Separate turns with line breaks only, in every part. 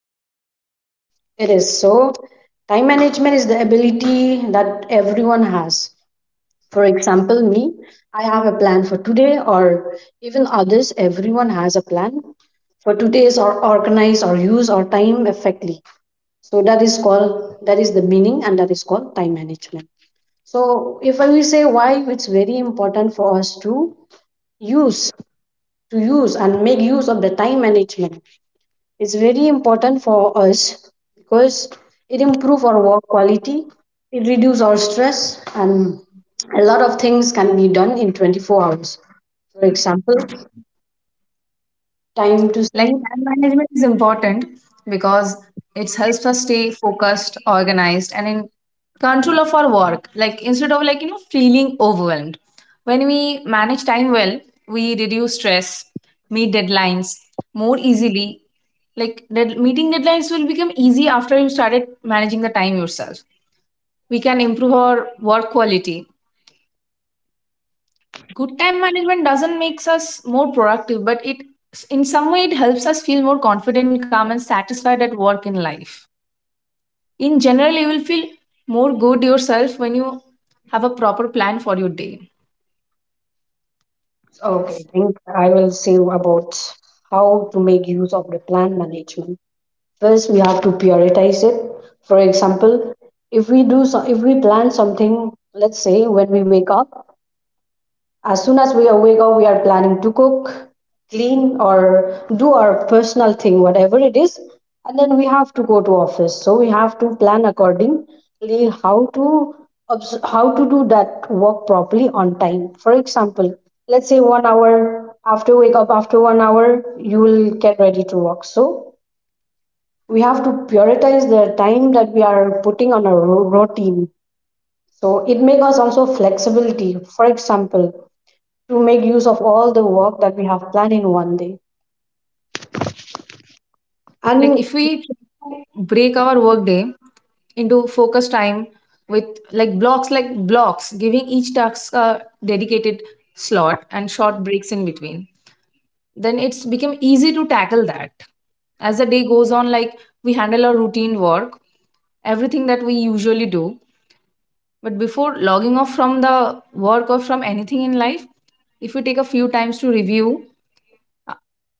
actually? It is so, time management is the ability that everyone has. For example, me, I have a plan for today, or even others, everyone has a plan for today's or organize or use our time effectively. So that is called, that is the meaning, and that is called time management. So if I will say why it's very important for us use to use and make use of the time management, it's very important for us because it improves our work quality, it reduces our stress, and a lot of things can be done in 24 hours. For example, time to
Like
sleep.
time management is important because it helps us stay focused, organized, and in control of our work. Like instead of like feeling overwhelmed, when we manage time well, we reduce stress, meet deadlines more easily. Meeting deadlines will become easy after you started managing the time yourself. We can improve our work quality. Good time management doesn't makes us more productive, but it in some way it helps us feel more confident, calm, and satisfied at work in life. In general you will feel more good yourself when you have a proper plan for your day.
Okay, I think I will say about how to make use of the plan management. First, we have to prioritize it. For example, if we plan something, let's say when we wake up. As soon as we are wake up, we are planning to cook, clean, or do our personal thing, whatever it is. And then we have to go to office. So we have to plan accordingly how to how to do that work properly on time. For example, let's say one hour after wake up, after one hour, you will get ready to work. So we have to prioritize the time that we are putting on our routine. So it makes us also flexibility. For example, to make use of all the work that we have planned in one day.
Like
And
if we break our work day into focus time with like blocks giving each task a dedicated slot and short breaks in between, then it's become easy to tackle that. As the day goes on, like we handle our routine work, everything that we usually do, but before logging off from the work or from anything in life, if we take a few times to review, uh,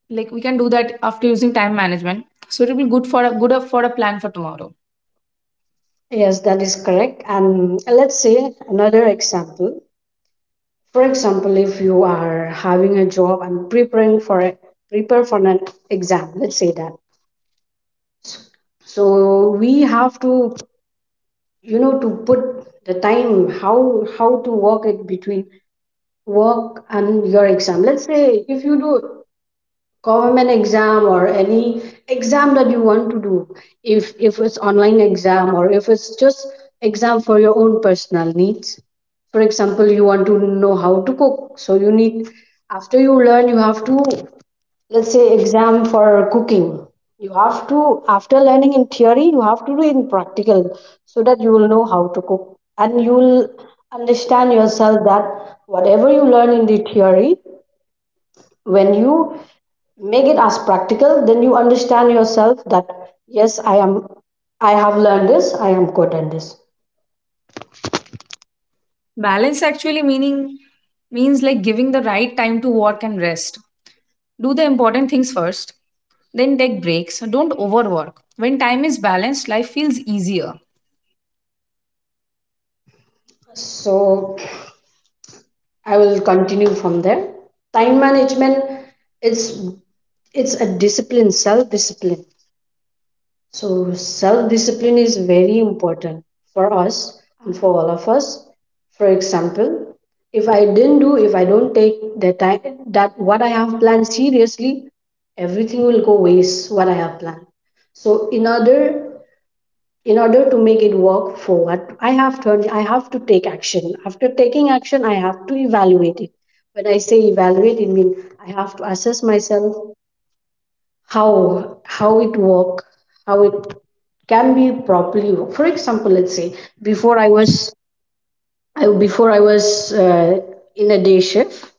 like we can do that after using time management, so it will be good for a plan for tomorrow.
yes, that is correct. And let's say another example. For example, if you are having a job and prepare for an exam, let's say that. So we have to, you know, to put the time, how to work it between work and your exam. Let's say if you do government exam or any exam that you want to do, if it's online exam or if it's just exam for your own personal needs. For example, you want to know how to cook, so you need, after you learn, you have to, let's say, exam for cooking. You have to, after learning in theory, you have to do in practical, so that you will know how to cook and you will understand yourself that whatever you learn in the theory, when you make it as practical, then you understand yourself that yes i am I have learned this, I am good in this.
Balance actually meaning means like giving the right time to work and rest. Do the important things first, then take breaks. Don't overwork. When time is balanced, life feels easier.
So I will continue from there. Time management, it's it's a discipline, self discipline. So self discipline is very important for us and for all of us. For example, if I didn't do, if I don't take the time that what I have planned seriously, everything will go waste what I have planned. So in order to make it work for what I have turned, I have to take action. After taking action, I have to evaluate it. When I say evaluate, it means I have to assess myself how it work, how it can be properly work. For example, let's say before i was before I was in a day shift,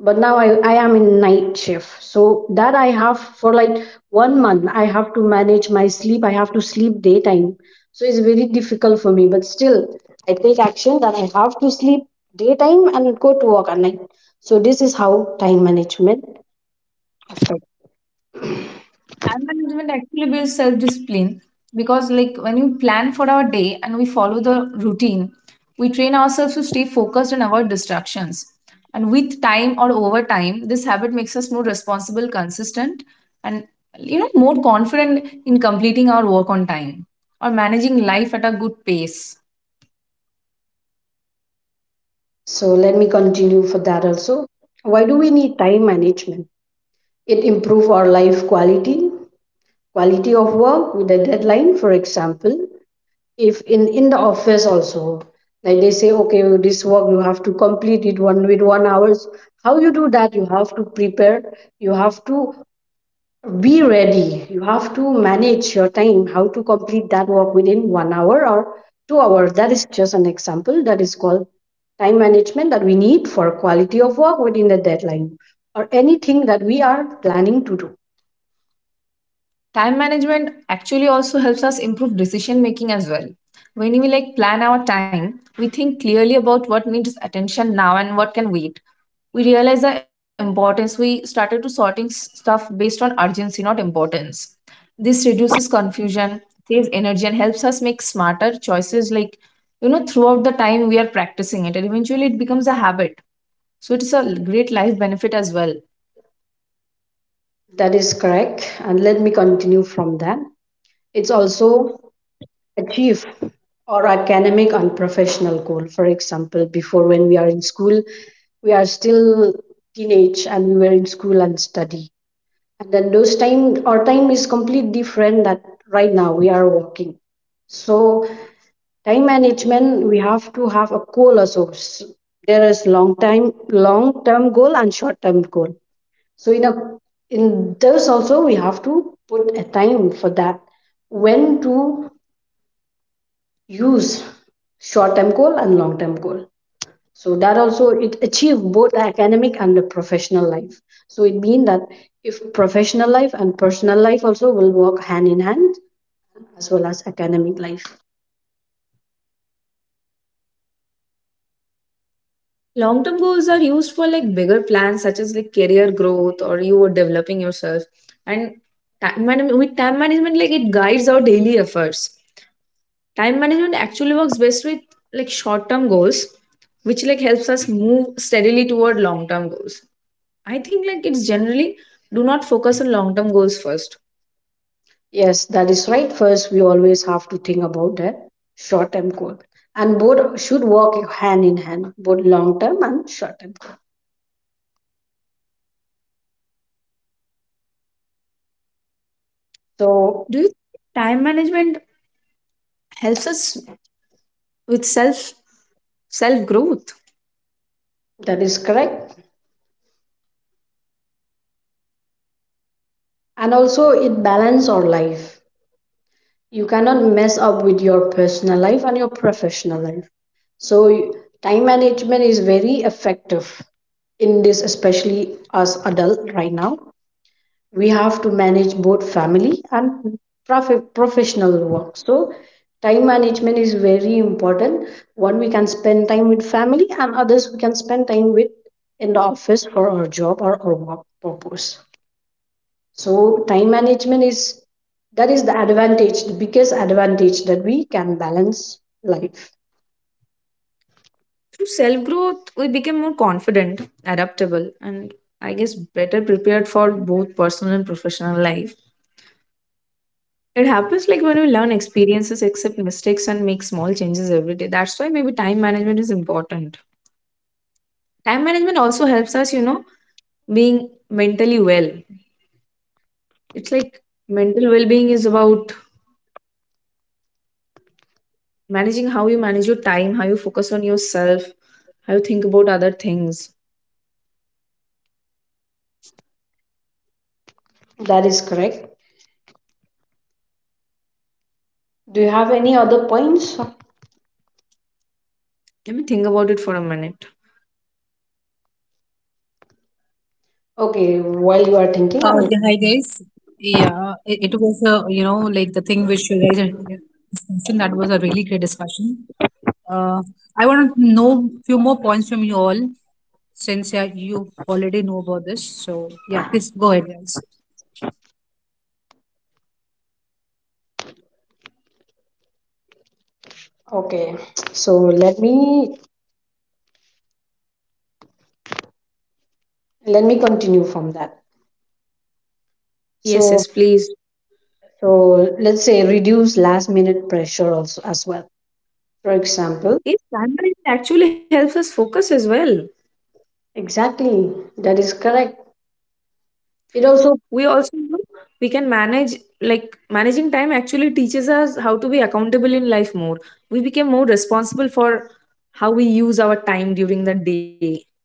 but now I am in night shift, so that I have for like one month, I have to manage my sleep, I have to sleep daytime. So it's very difficult for me, but still I take action that I have to sleep daytime and go to work at night. So this is how time management affects.
Time management actually builds self discipline because, like, when you plan for our day and we follow the routine, we train ourselves to stay focused and avoid distractions. And with time or over time, this habit makes us more responsible, consistent, and more confident in completing our work on time or managing life at a good pace.
So let me continue for that also. Why do we need time management? It improve our life quality, quality of work with a deadline. For example, if in the office also, like they say, okay, this work you have to complete it one with one hours. How you do that? You have to prepare. You have to be ready. You have to manage your time, how to complete that work within one hour or 2 hours. That is just an example, that is called time management that we need for quality of work within the deadline or anything that we are planning to do.
Time management actually also helps us improve decision making as well. When we like plan our time, we think clearly about what needs attention now and what can wait. We realized the importance. We started to sorting stuff based on urgency, not importance. This reduces confusion, saves energy, and helps us make smarter choices. Like throughout the time we are practicing it and eventually it becomes a habit. So it's a great life benefit as well.
That is correct. And let me continue from that. It's also achieve or academic and professional goal. For example, before when we are in school, we are still teenage and we were in school and study, and then those time our time is completely different that right now we are working. So time management, we have to have a goal also. There is long term goal and short term goal. So in a in those also we have to put a time for that, when to use short term goal and long term goal. So that also it achieve both academic and the professional life. So it mean that if professional life and personal life also will work hand in hand, as well as academic life.
Long term goals are used for like bigger plans such as like career growth or you are developing yourself, and time management, like it guides our daily efforts. Time management actually works best with like short-term goals, which like helps us move steadily toward long-term goals. I think like it's generally do not focus on long-term goals first.
Yes, that is right. First, we always have to think about the short term goal, and both should work hand in hand, both long term and short term goal. So
Do you think time management helps us with self growth?
that is correct. And also it balance our life. You cannot mess up with your personal life and your professional life. So time management is very effective in this, especially as adult. Right now we have to manage both family and professional work. So time management is very important. One, we can spend time with family, and others, we can spend time with in the office for our job or our work purpose. So time management is, that is the advantage, the biggest advantage that we can balance life.
Through self growth, we become more confident, adaptable, and I guess better prepared for both personal and professional life. It happens like when we learn experiences, accept mistakes, and make small changes every day. That's why maybe time management is important. Time management also helps us, being mentally well. It's like mental well being is about managing how you manage your time, how you focus on yourself, how you think about other things.
That is correct. Do you have any other points?
Let me think about it for a minute.
Okay, while you are thinking,
Uh,
I will.
yeah, hi guys. Yeah, it was a like the thing which you guys had mentioned. That was a really great discussion. Uh, I want to know few more points from you all since yeah, you already know about this. So yeah, please go ahead, guys.
Okay, so let me continue from that.
Yes,
So
yes, please.
so let's say reduce last minute pressure also as well. For example,
Yes, time management actually helps us focus as well.
exactly, that is correct. It also,
We also know we can manage, like managing time actually teaches us how to be accountable in life more. We became more responsible for how we use our time during the day.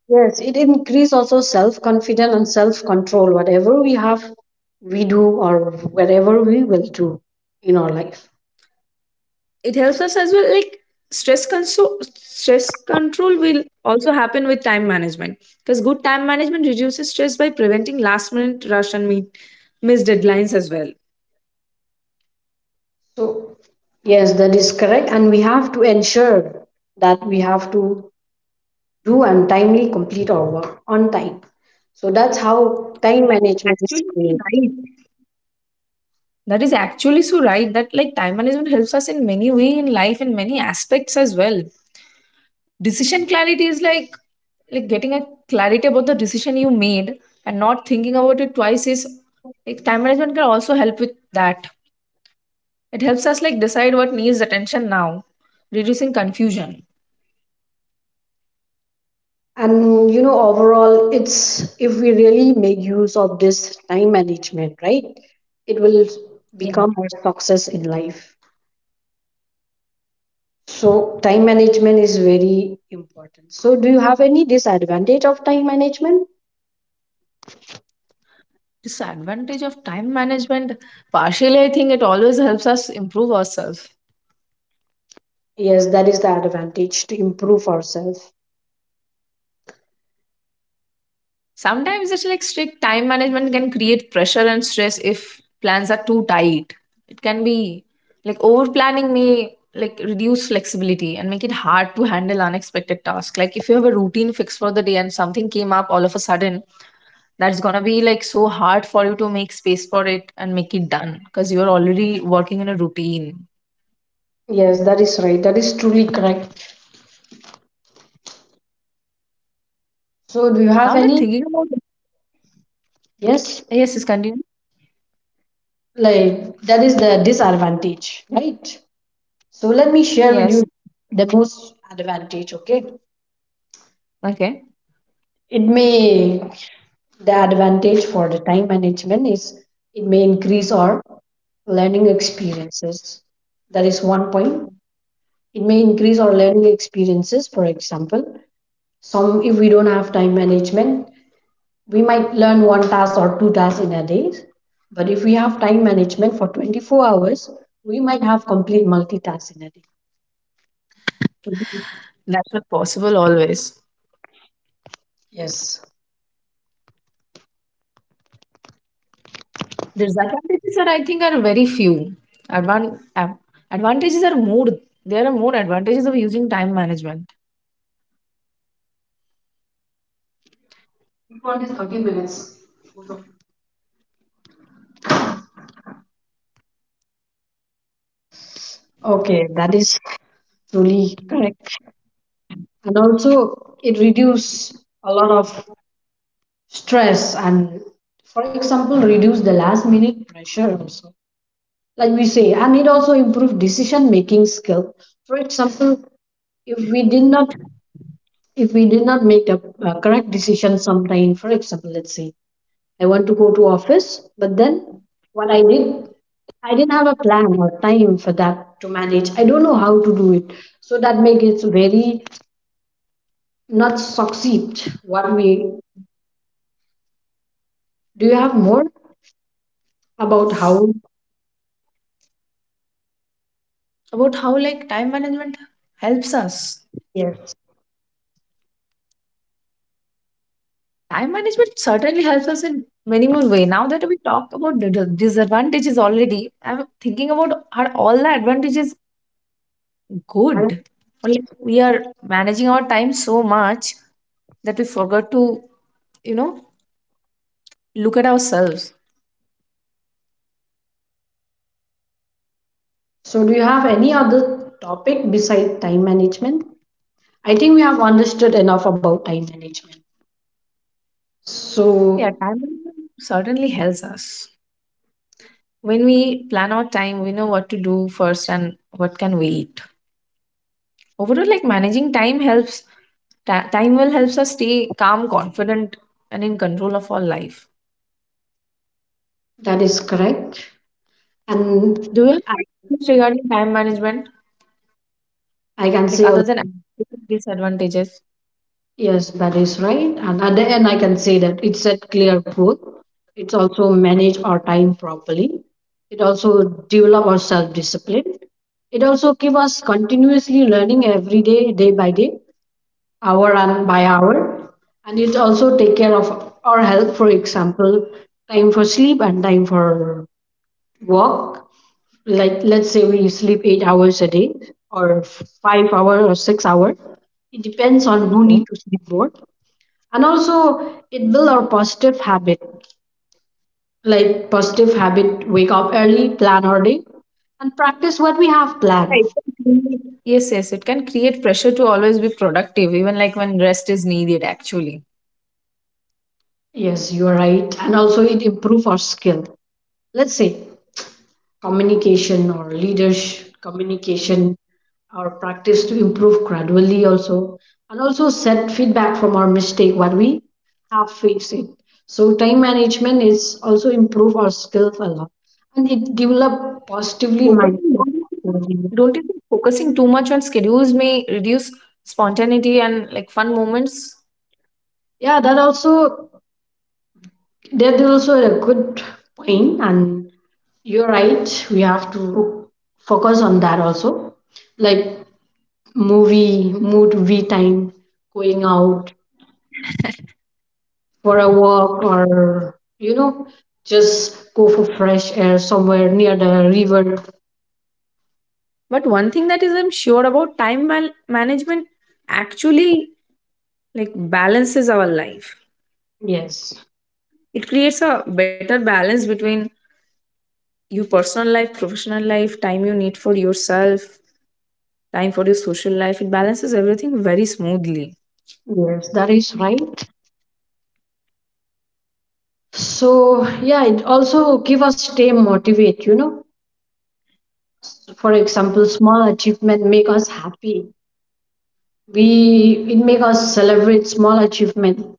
yes, it increase also self confidence and self control. Whatever we have, we do, or whatever we will do in our life.
It helps us as well, like stress control will also happen with time management, because good time management reduces stress by preventing last minute rush and missed deadlines as well.
So yes, that is correct. And we have to ensure that we have to do and timely complete our work on time. So that's how time
that is
management is
actually so
created.
right that is actually so right that like time management helps us in many way in life, in many aspects as well. Decision clarity is like getting a clarity about the decision you made and not thinking about it twice. Is like time management can also help with that. It helps us like decide what needs attention now, reducing confusion.
And overall, it's if we really make use of this time management, right, it will
Yeah.
become our success in life. So time management is very important. So do you have any disadvantage of time management?
Disadvantage of time management. Partially, I think it always helps us improve ourselves.
Yes, that is the advantage to improve ourselves.
Sometimes it's like strict time management can create pressure and stress if plans are too tight. It can be like over planning may like reduce flexibility and make it hard to handle unexpected tasks. Like if you have a routine fixed for the day and something came up all of a sudden, that's gonna be like so hard for you to make space for it and make it done because you're already working in a routine.
Yes, that is right. That is truly correct. So do you
Now
have
that
any?
thinking about it,
Yes,
yes, yes, continue.
like that is the disadvantage, right? So let me share with
Yes,
you the most advantage, okay?
okay,
It may, the advantage for the time management is, it may increase our learning experiences. That is one point. It may increase our learning experiences. For example, some, if we don't have time management, we might learn one task or two tasks in a day, but if we have time management for 24 hours, we might have complete multitask in a day. Mhm.
that's not possible always.
Yes.
Disadvantages are, I think, are very few. Advan- av- Advantages are more. There are more advantages of using time management.
One is 30 minutes. Okay, that is truly correct. And also it reduce a lot of stress, and for example, reduce the last minute pressure also, like we say. And it also improves decision making skill. For example, if we did not make the correct decision sometime. For example, let's say I want to go to office, but then what I did, I didn't have a plan or time for that to manage, I don't know how to do it. So that makes it very, not succeed what we. Do you have more about how?
About how like time management helps us.
Yes.
Time management certainly helps us in many more ways. Now that we talked about the disadvantages already, I'm thinking about, are all the advantages
And
good? Or like we are managing our time so much that we forgot to, you know, look at ourselves.
so do you have any other topic beside time management? I think we have understood enough about time management.
Yeah,
So
time management certainly helps us. When we plan our time, we know what to do first and what can wait. Overall, like managing time helps, time will helps us stay calm, confident, and in control of our life.
that is correct. And
Do you have
I,
any tips regarding time management,
I can say
like other
also,
than disadvantages?
yes, that is right. And at the end, I can say that it set clear goal. It's also manage our time properly. It also develop our self-discipline. It also give us continuously learning every day, day by day, hour and by hour. And it also take care of our health. For example, time for sleep and time for walk, like let's say we sleep 8 hours a day or 5 hours or 6 hours. It depends on who
Okay.
need to sleep more. And also it build our positive habit. Like positive habit, wake up early, plan our day, and practice what we have
Yeah,
planned.
yes, yes, it can create pressure to always be productive, even like when rest is needed, actually.
Yes, you are right. And also it improve our skill. Let's say communication or leadership communication our practice to improve gradually also, and also set feedback from our mistake what we have faced it. So time management is also improve our skills a lot, and it develop positively
Focusing,
mindset.
don't you think focusing too much on schedules may reduce spontaneity and like fun moments?
Yeah, that also, that is also a good point. And you're right, we have to focus on that also, like movie mood v time, going out for a walk, or just go for fresh air somewhere near the river.
But one thing that is I'm sure about management actually like balances our life.
Yes,
It creates a better balance between your personal life, professional life, time you need for yourself, time for your social life. It balances everything very smoothly.
yes, that is right. So yeah, it also give us stay motivate. For example, small achievement make us happy. We, it make us celebrate small achievement,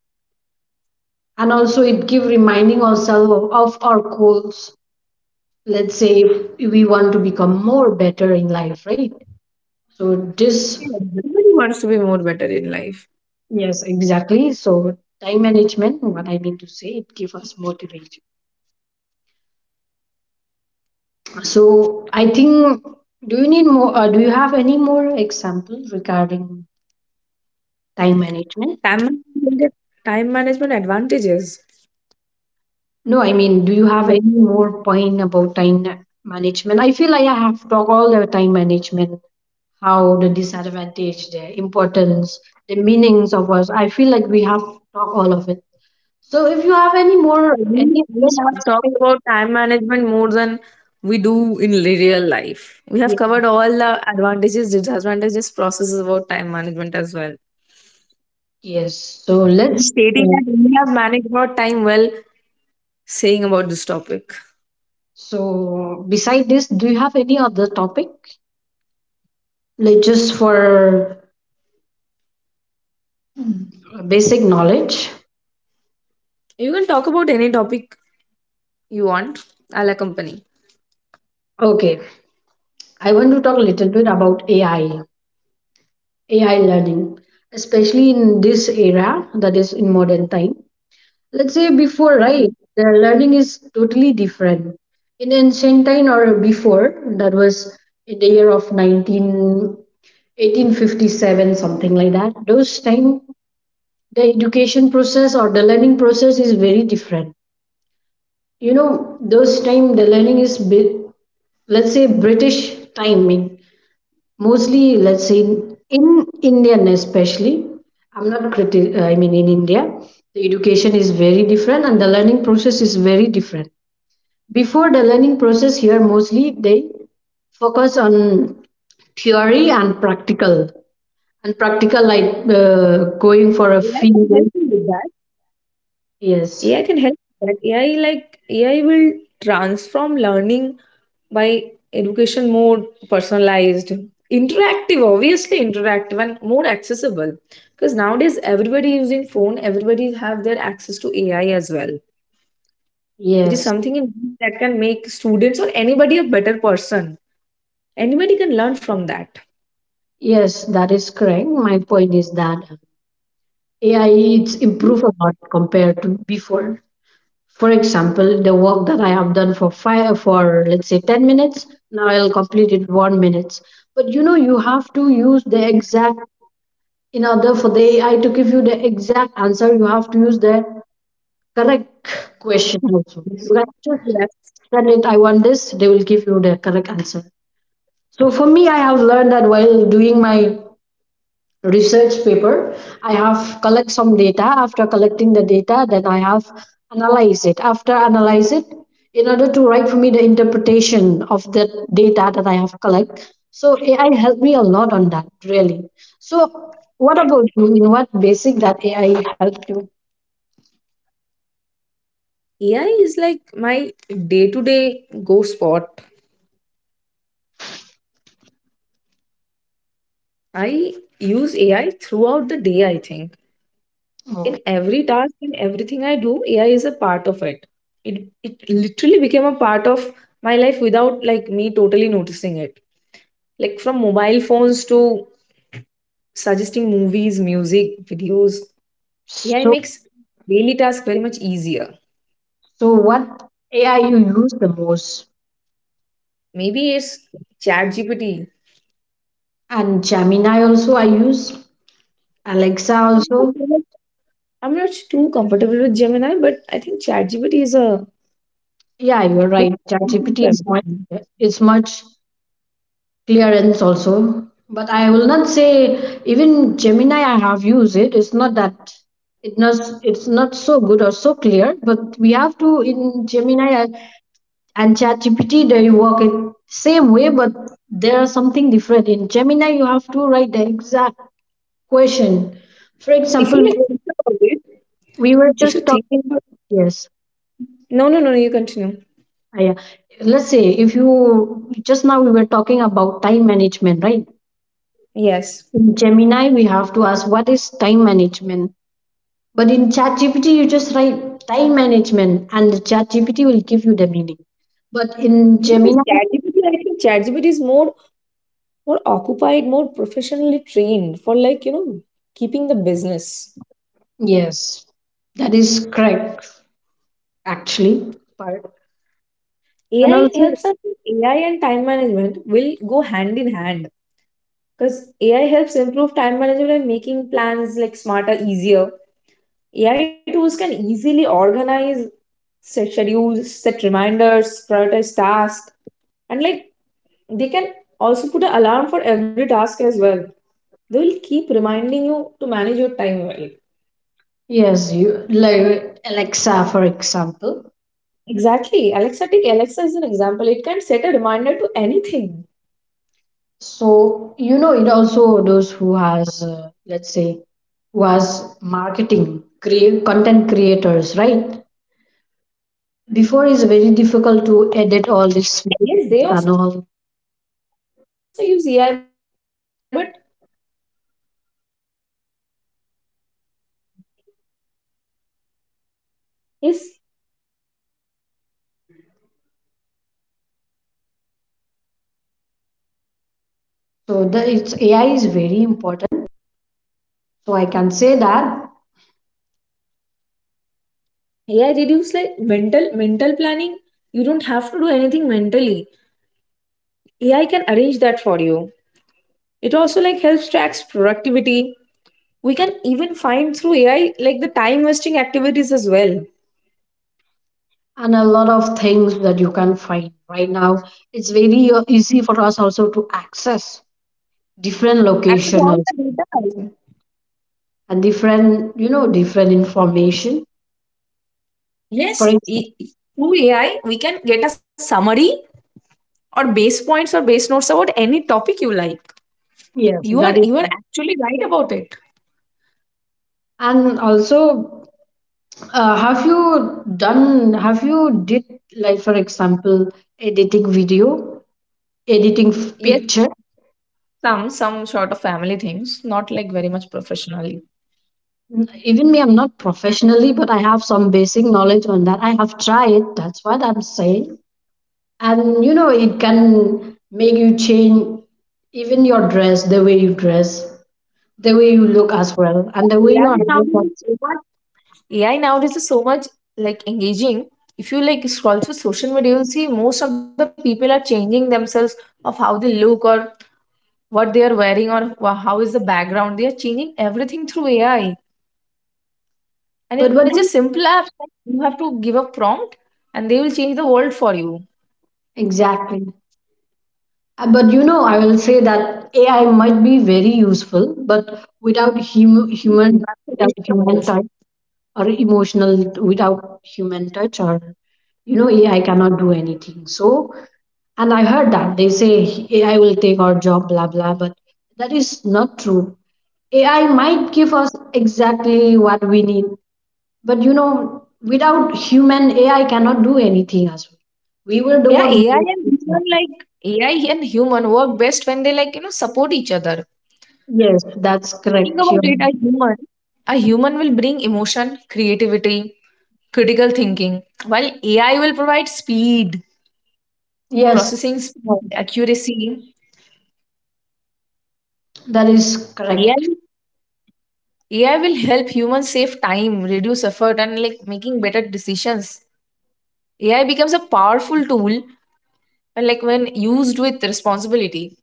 and also it give reminding ourselves of our goals. Let's say if we want to become more better in life, right? So this.
Yeah. Everybody wants to be more better in life.
Yes, exactly. So time management, what I mean to say, it gives us motivation. So I think, do you need more? Do you have any more examples regarding time management?
Time management, time management advantages.
No, I mean, do you have
More,
any more point about time management? I feel like I have talked all the time management, how the disadvantage, the importance, the meanings of us. I feel like we have talked all of it. So if you have any more,
we
any
we
other
have talked
specific,
about time management more than we do in real life. We have
yes.
covered all the advantages, disadvantages, processes about time management as well.
Yes, so
In
let's.
stating
uh,
that we have managed our time well, saying about this topic.
So, beside this, do you have any other topic? Like just for basic knowledge?
You can talk about any topic you want? I'll accompany.
Okay, I want to talk a little bit about AI, AI learning, especially in this era, that is in modern time. Let's say before, right,
Okay.
the learning is totally different. In ancient time or before, that was in the year of 19 1857, something like that. Those time, the education process or the learning process is very different you know those time the learning is bit, let's say british timing, mostly, let's say in indian especially. I'm not criti- I mean in india the education is very different and the learning process is very different. Before, the learning process here mostly they focus on theory and practical, and practical like, uh, going for a
AI can help
field.
you with that. AI
Yes,
can help with that. AI will transform learning by education more personalized, interactive, obviously interactive, and more accessible. Because nowadays everybody using phone, everybody have their access to AI as well. It is
yes.
something that can make students or anybody a better person. Anybody can learn from that.
Yes, that is correct. My point is that AI it's improved a lot compared to before. For example, the work that I have done for five for let's say 10 minutes, now I'll complete it 1 minutes. But you know, you have to use the exact, in order for the AI to give you the exact answer, you have to use the correct question
Yes.
also. You can
Yes.
just send it, I want this, they will give you the correct answer. So for me, I have learned that while doing my research paper. I have collect some data. After collecting the data, then I have analyze it. After analyze it, in order to write for me the interpretation of the data that I have collect. So AI helped me a lot on that, really. So what about you? In what basic that AI helped you?
AI is like my day-to-day go spot. I use AI throughout the day, I think. In
Okay.
every task, in everything I do, AI is a part of it. It literally became a part of my life without like me totally noticing it. Like from mobile phones to suggesting movies, music, videos. AI
So
makes daily tasks very much easier.
so what AI you use the most?
Maybe it's Chat GPT.
And Gemini also I use. Alexa also.
I'm not too comfortable with Gemini, but I think Chat GPT is a
Yeah, you're
good
right.
solution for
ChatGPT is much,
everything.
is much clearance also. But I will not say, even Gemini I have used it. It's not that it not it's not so good or so clear, but we have to, in Gemini and ChatGPT they work it same way, but there are something different. In Gemini you have to write the exact question. For
If you like
example,
think about it,
we were
If you
just
think
talking,
about
yes.
no, no, no, you continue.
Yeah. Let's say if you, just now we were talking about time management, right?
Yes.
In Gemini, we have to ask what is time management. But in ChatGPT, you just write time management and ChatGPT will give you the meaning. But in
Because
Gemini,
ChatGPT, I think ChatGPT is more occupied, more professionally trained for like, you know, keeping the business.
yes, that is correct, actually. Part. And
AI
also,
helps us. AI and time management will go hand in hand, because AI helps improve time management by making plans like smarter, easier. AI tools can easily organize, set schedules, set reminders, prioritize tasks, and like they can also put an alarm for every task as well. They'll keep reminding you to manage your time well.
yes, you like Alexa, for example.
Exactly. Alexa, take Alexa as an example. It can set a reminder to anything.
So, you know, it also those who has, let's say, who has marketing, create, content creators, right?
Yes, they also use AI,
Before is
but
very difficult to edit all this videos and all.
yes,
So the it's AI is very important. So I can say that,
AI reduce like mental planning. You don't have to do anything mentally. AI can arrange that for you. It also like helps tracks productivity. We can even find through AI like the time wasting activities as well.
and a lot of things that you can find right now. It's very easy for us also to access different
Access
location
all
also,
the data.
and different, you know, different information.
Yes,
For example,
through AI we can get a summary or base points or base notes about any topic you like.
yes, that is,
You are actually right about it.
and also, have you done? Have you did, like for example editing video, editing f-
Yes,
picture?
some sort of family things, not like very much professionally.
Even me, I'm not professionally, but I have some basic knowledge on that. I have tried, that's what I'm saying. And you know, it can make you change even your dress, the way you dress, the way you look as well, and the way
AI
your
nowadays
hair was.
is so much AI nowadays is so much like engaging. If you like scroll through social media, you'll see most of the people are changing themselves of how they look or what they are wearing or how is the background. They are changing everything through AI. And it's
But
just
what do
simple apps. You have to give a prompt and they will change the world for you.
you- exactly? But you know, I will say that AI might be very useful, but without human touch or emotional, without human touch or you know, AI cannot do anything. So, and I heard that they say AI will take our job, blah, blah, but that is not true. AI might give us exactly what we need, but you know, without human, AI cannot do anything as well. We were the
Yeah,
one
AI
who.
and human like AI and human work best when they like support each other.
Yes, that's
Think
correct.
about
You're,
it,
right.
a human will bring emotion, creativity, critical thinking, while AI will provide speed,
Yes,
processing speed, accuracy.
that is
AI
correct.
AI will help humans save time, reduce effort, and like making better decisions. AI becomes a powerful tool, and like when used with responsibility.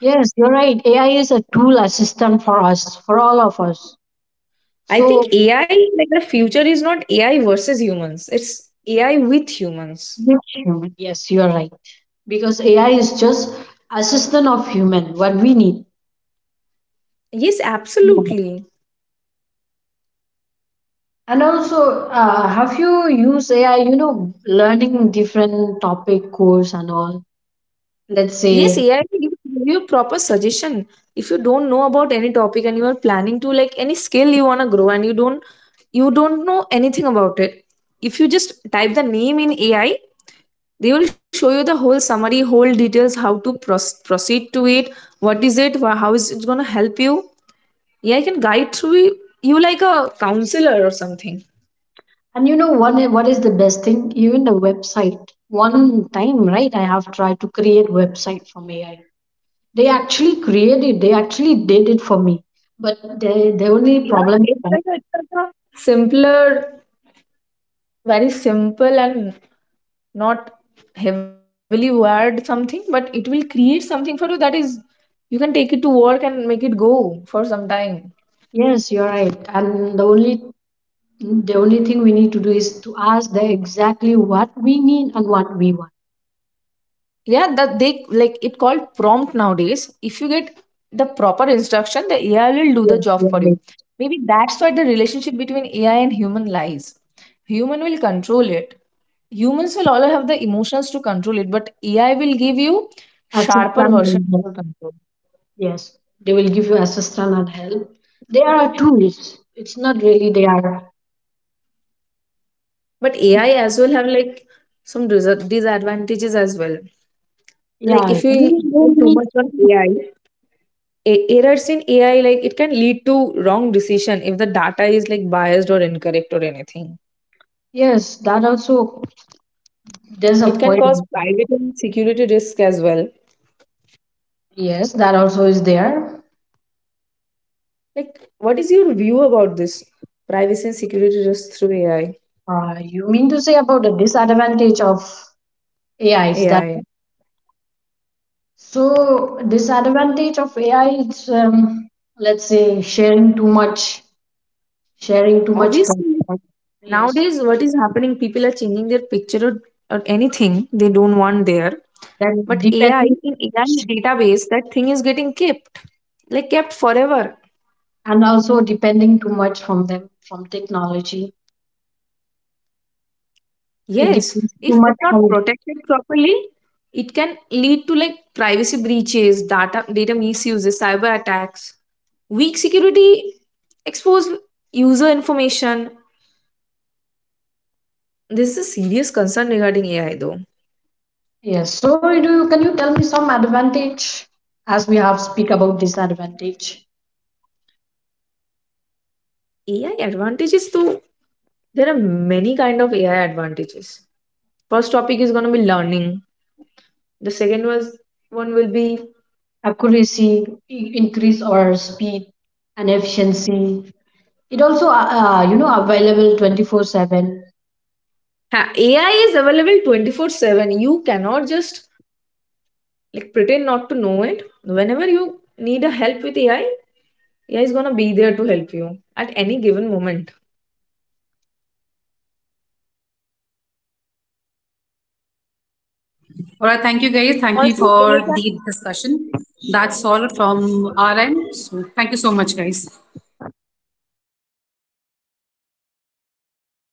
Yes, you're right. AI is a tool assistant for us, for all of us.
I think
So,
AI, like the future is not AI versus humans, it's AI with humans.
with human. Yes, you are right. Because AI is just assistant of human, what we need.
Yes,
Yeah.
absolutely.
And also, have you used AI, you know, learning different topic, course and all, let's
Yes,
say,
AI will give you a proper suggestion. If you don't know about any topic and you are planning to like any skill you want to grow and you don't know anything about it. If you just type the name in AI, they will show you the whole summary, whole details, how to proceed to it, what is it, how is it going to help you. Yeah, I can guide through you like a counselor or something.
and you know what is the best thing? Even the website. One time, right, I have tried to create website from AI. They actually created, they actually did it for me. But the only
Yeah,
problem,
it's like a simpler, very simple and not heavily wired something, but it will create something for you that is you can take it to work and make it go for some time.
yes, you're right. And the only thing we need to do is to ask them exactly what we need and what we want.
Yeah, that they like it called prompt nowadays. If you get the proper instruction, the AI will do
Yes,
the job
yes,
for
yes.
you. Maybe that's why the relationship between AI and human lies. Human will control it. Humans will all have the emotions to control it, but AI will give you sharper
Assistance
version
and help.
for control.
Yes, they will give you assistance and help. They are tools. It's not really they are.
But AI as well have like disadvantages as well. Like
Yeah,
if you depend too much on AI, errors in AI like it can lead to wrong decision if the data is like biased or incorrect or anything.
yes, that also. There's a
It can
point.
cause private and security risk as well.
Yes, that also is there.
Like what is your view about this privacy and security risk through AI?
You mean to say about the disadvantage of AI? Is that,
ai
so disadvantage of AI is let's say sharing too much
Obviously
content. Yes.
nowadays what is happening, people are changing their picture, or anything they don't want there.
Then
But AI,
depending too
in AI's
much-
database that thing is getting kept, like kept forever.
and also depending too much from them, from technology. It
Yes,
depends too
if
much
it's
from
not
the-
protected properly, it can lead to like privacy breaches, data misuses, cyber attacks, weak security, expose user information. This is a serious concern regarding AI though.
yes. So do you, can you tell me some advantage, as we have speak about disadvantage,
AI advantages though, there are many kind of AI advantages. First topic is gonna be learning. The second was one will be
accuracy, I- increase or speed and efficiency. It also you know available 24/7
ha- AI is available 24/7. You cannot just like pretend not to know it. Whenever you need a help with AI, AI is gonna be there to help you at any given moment.
All right, thank you guys. Thank you for the discussion. That's all from our end. So thank you so much, guys.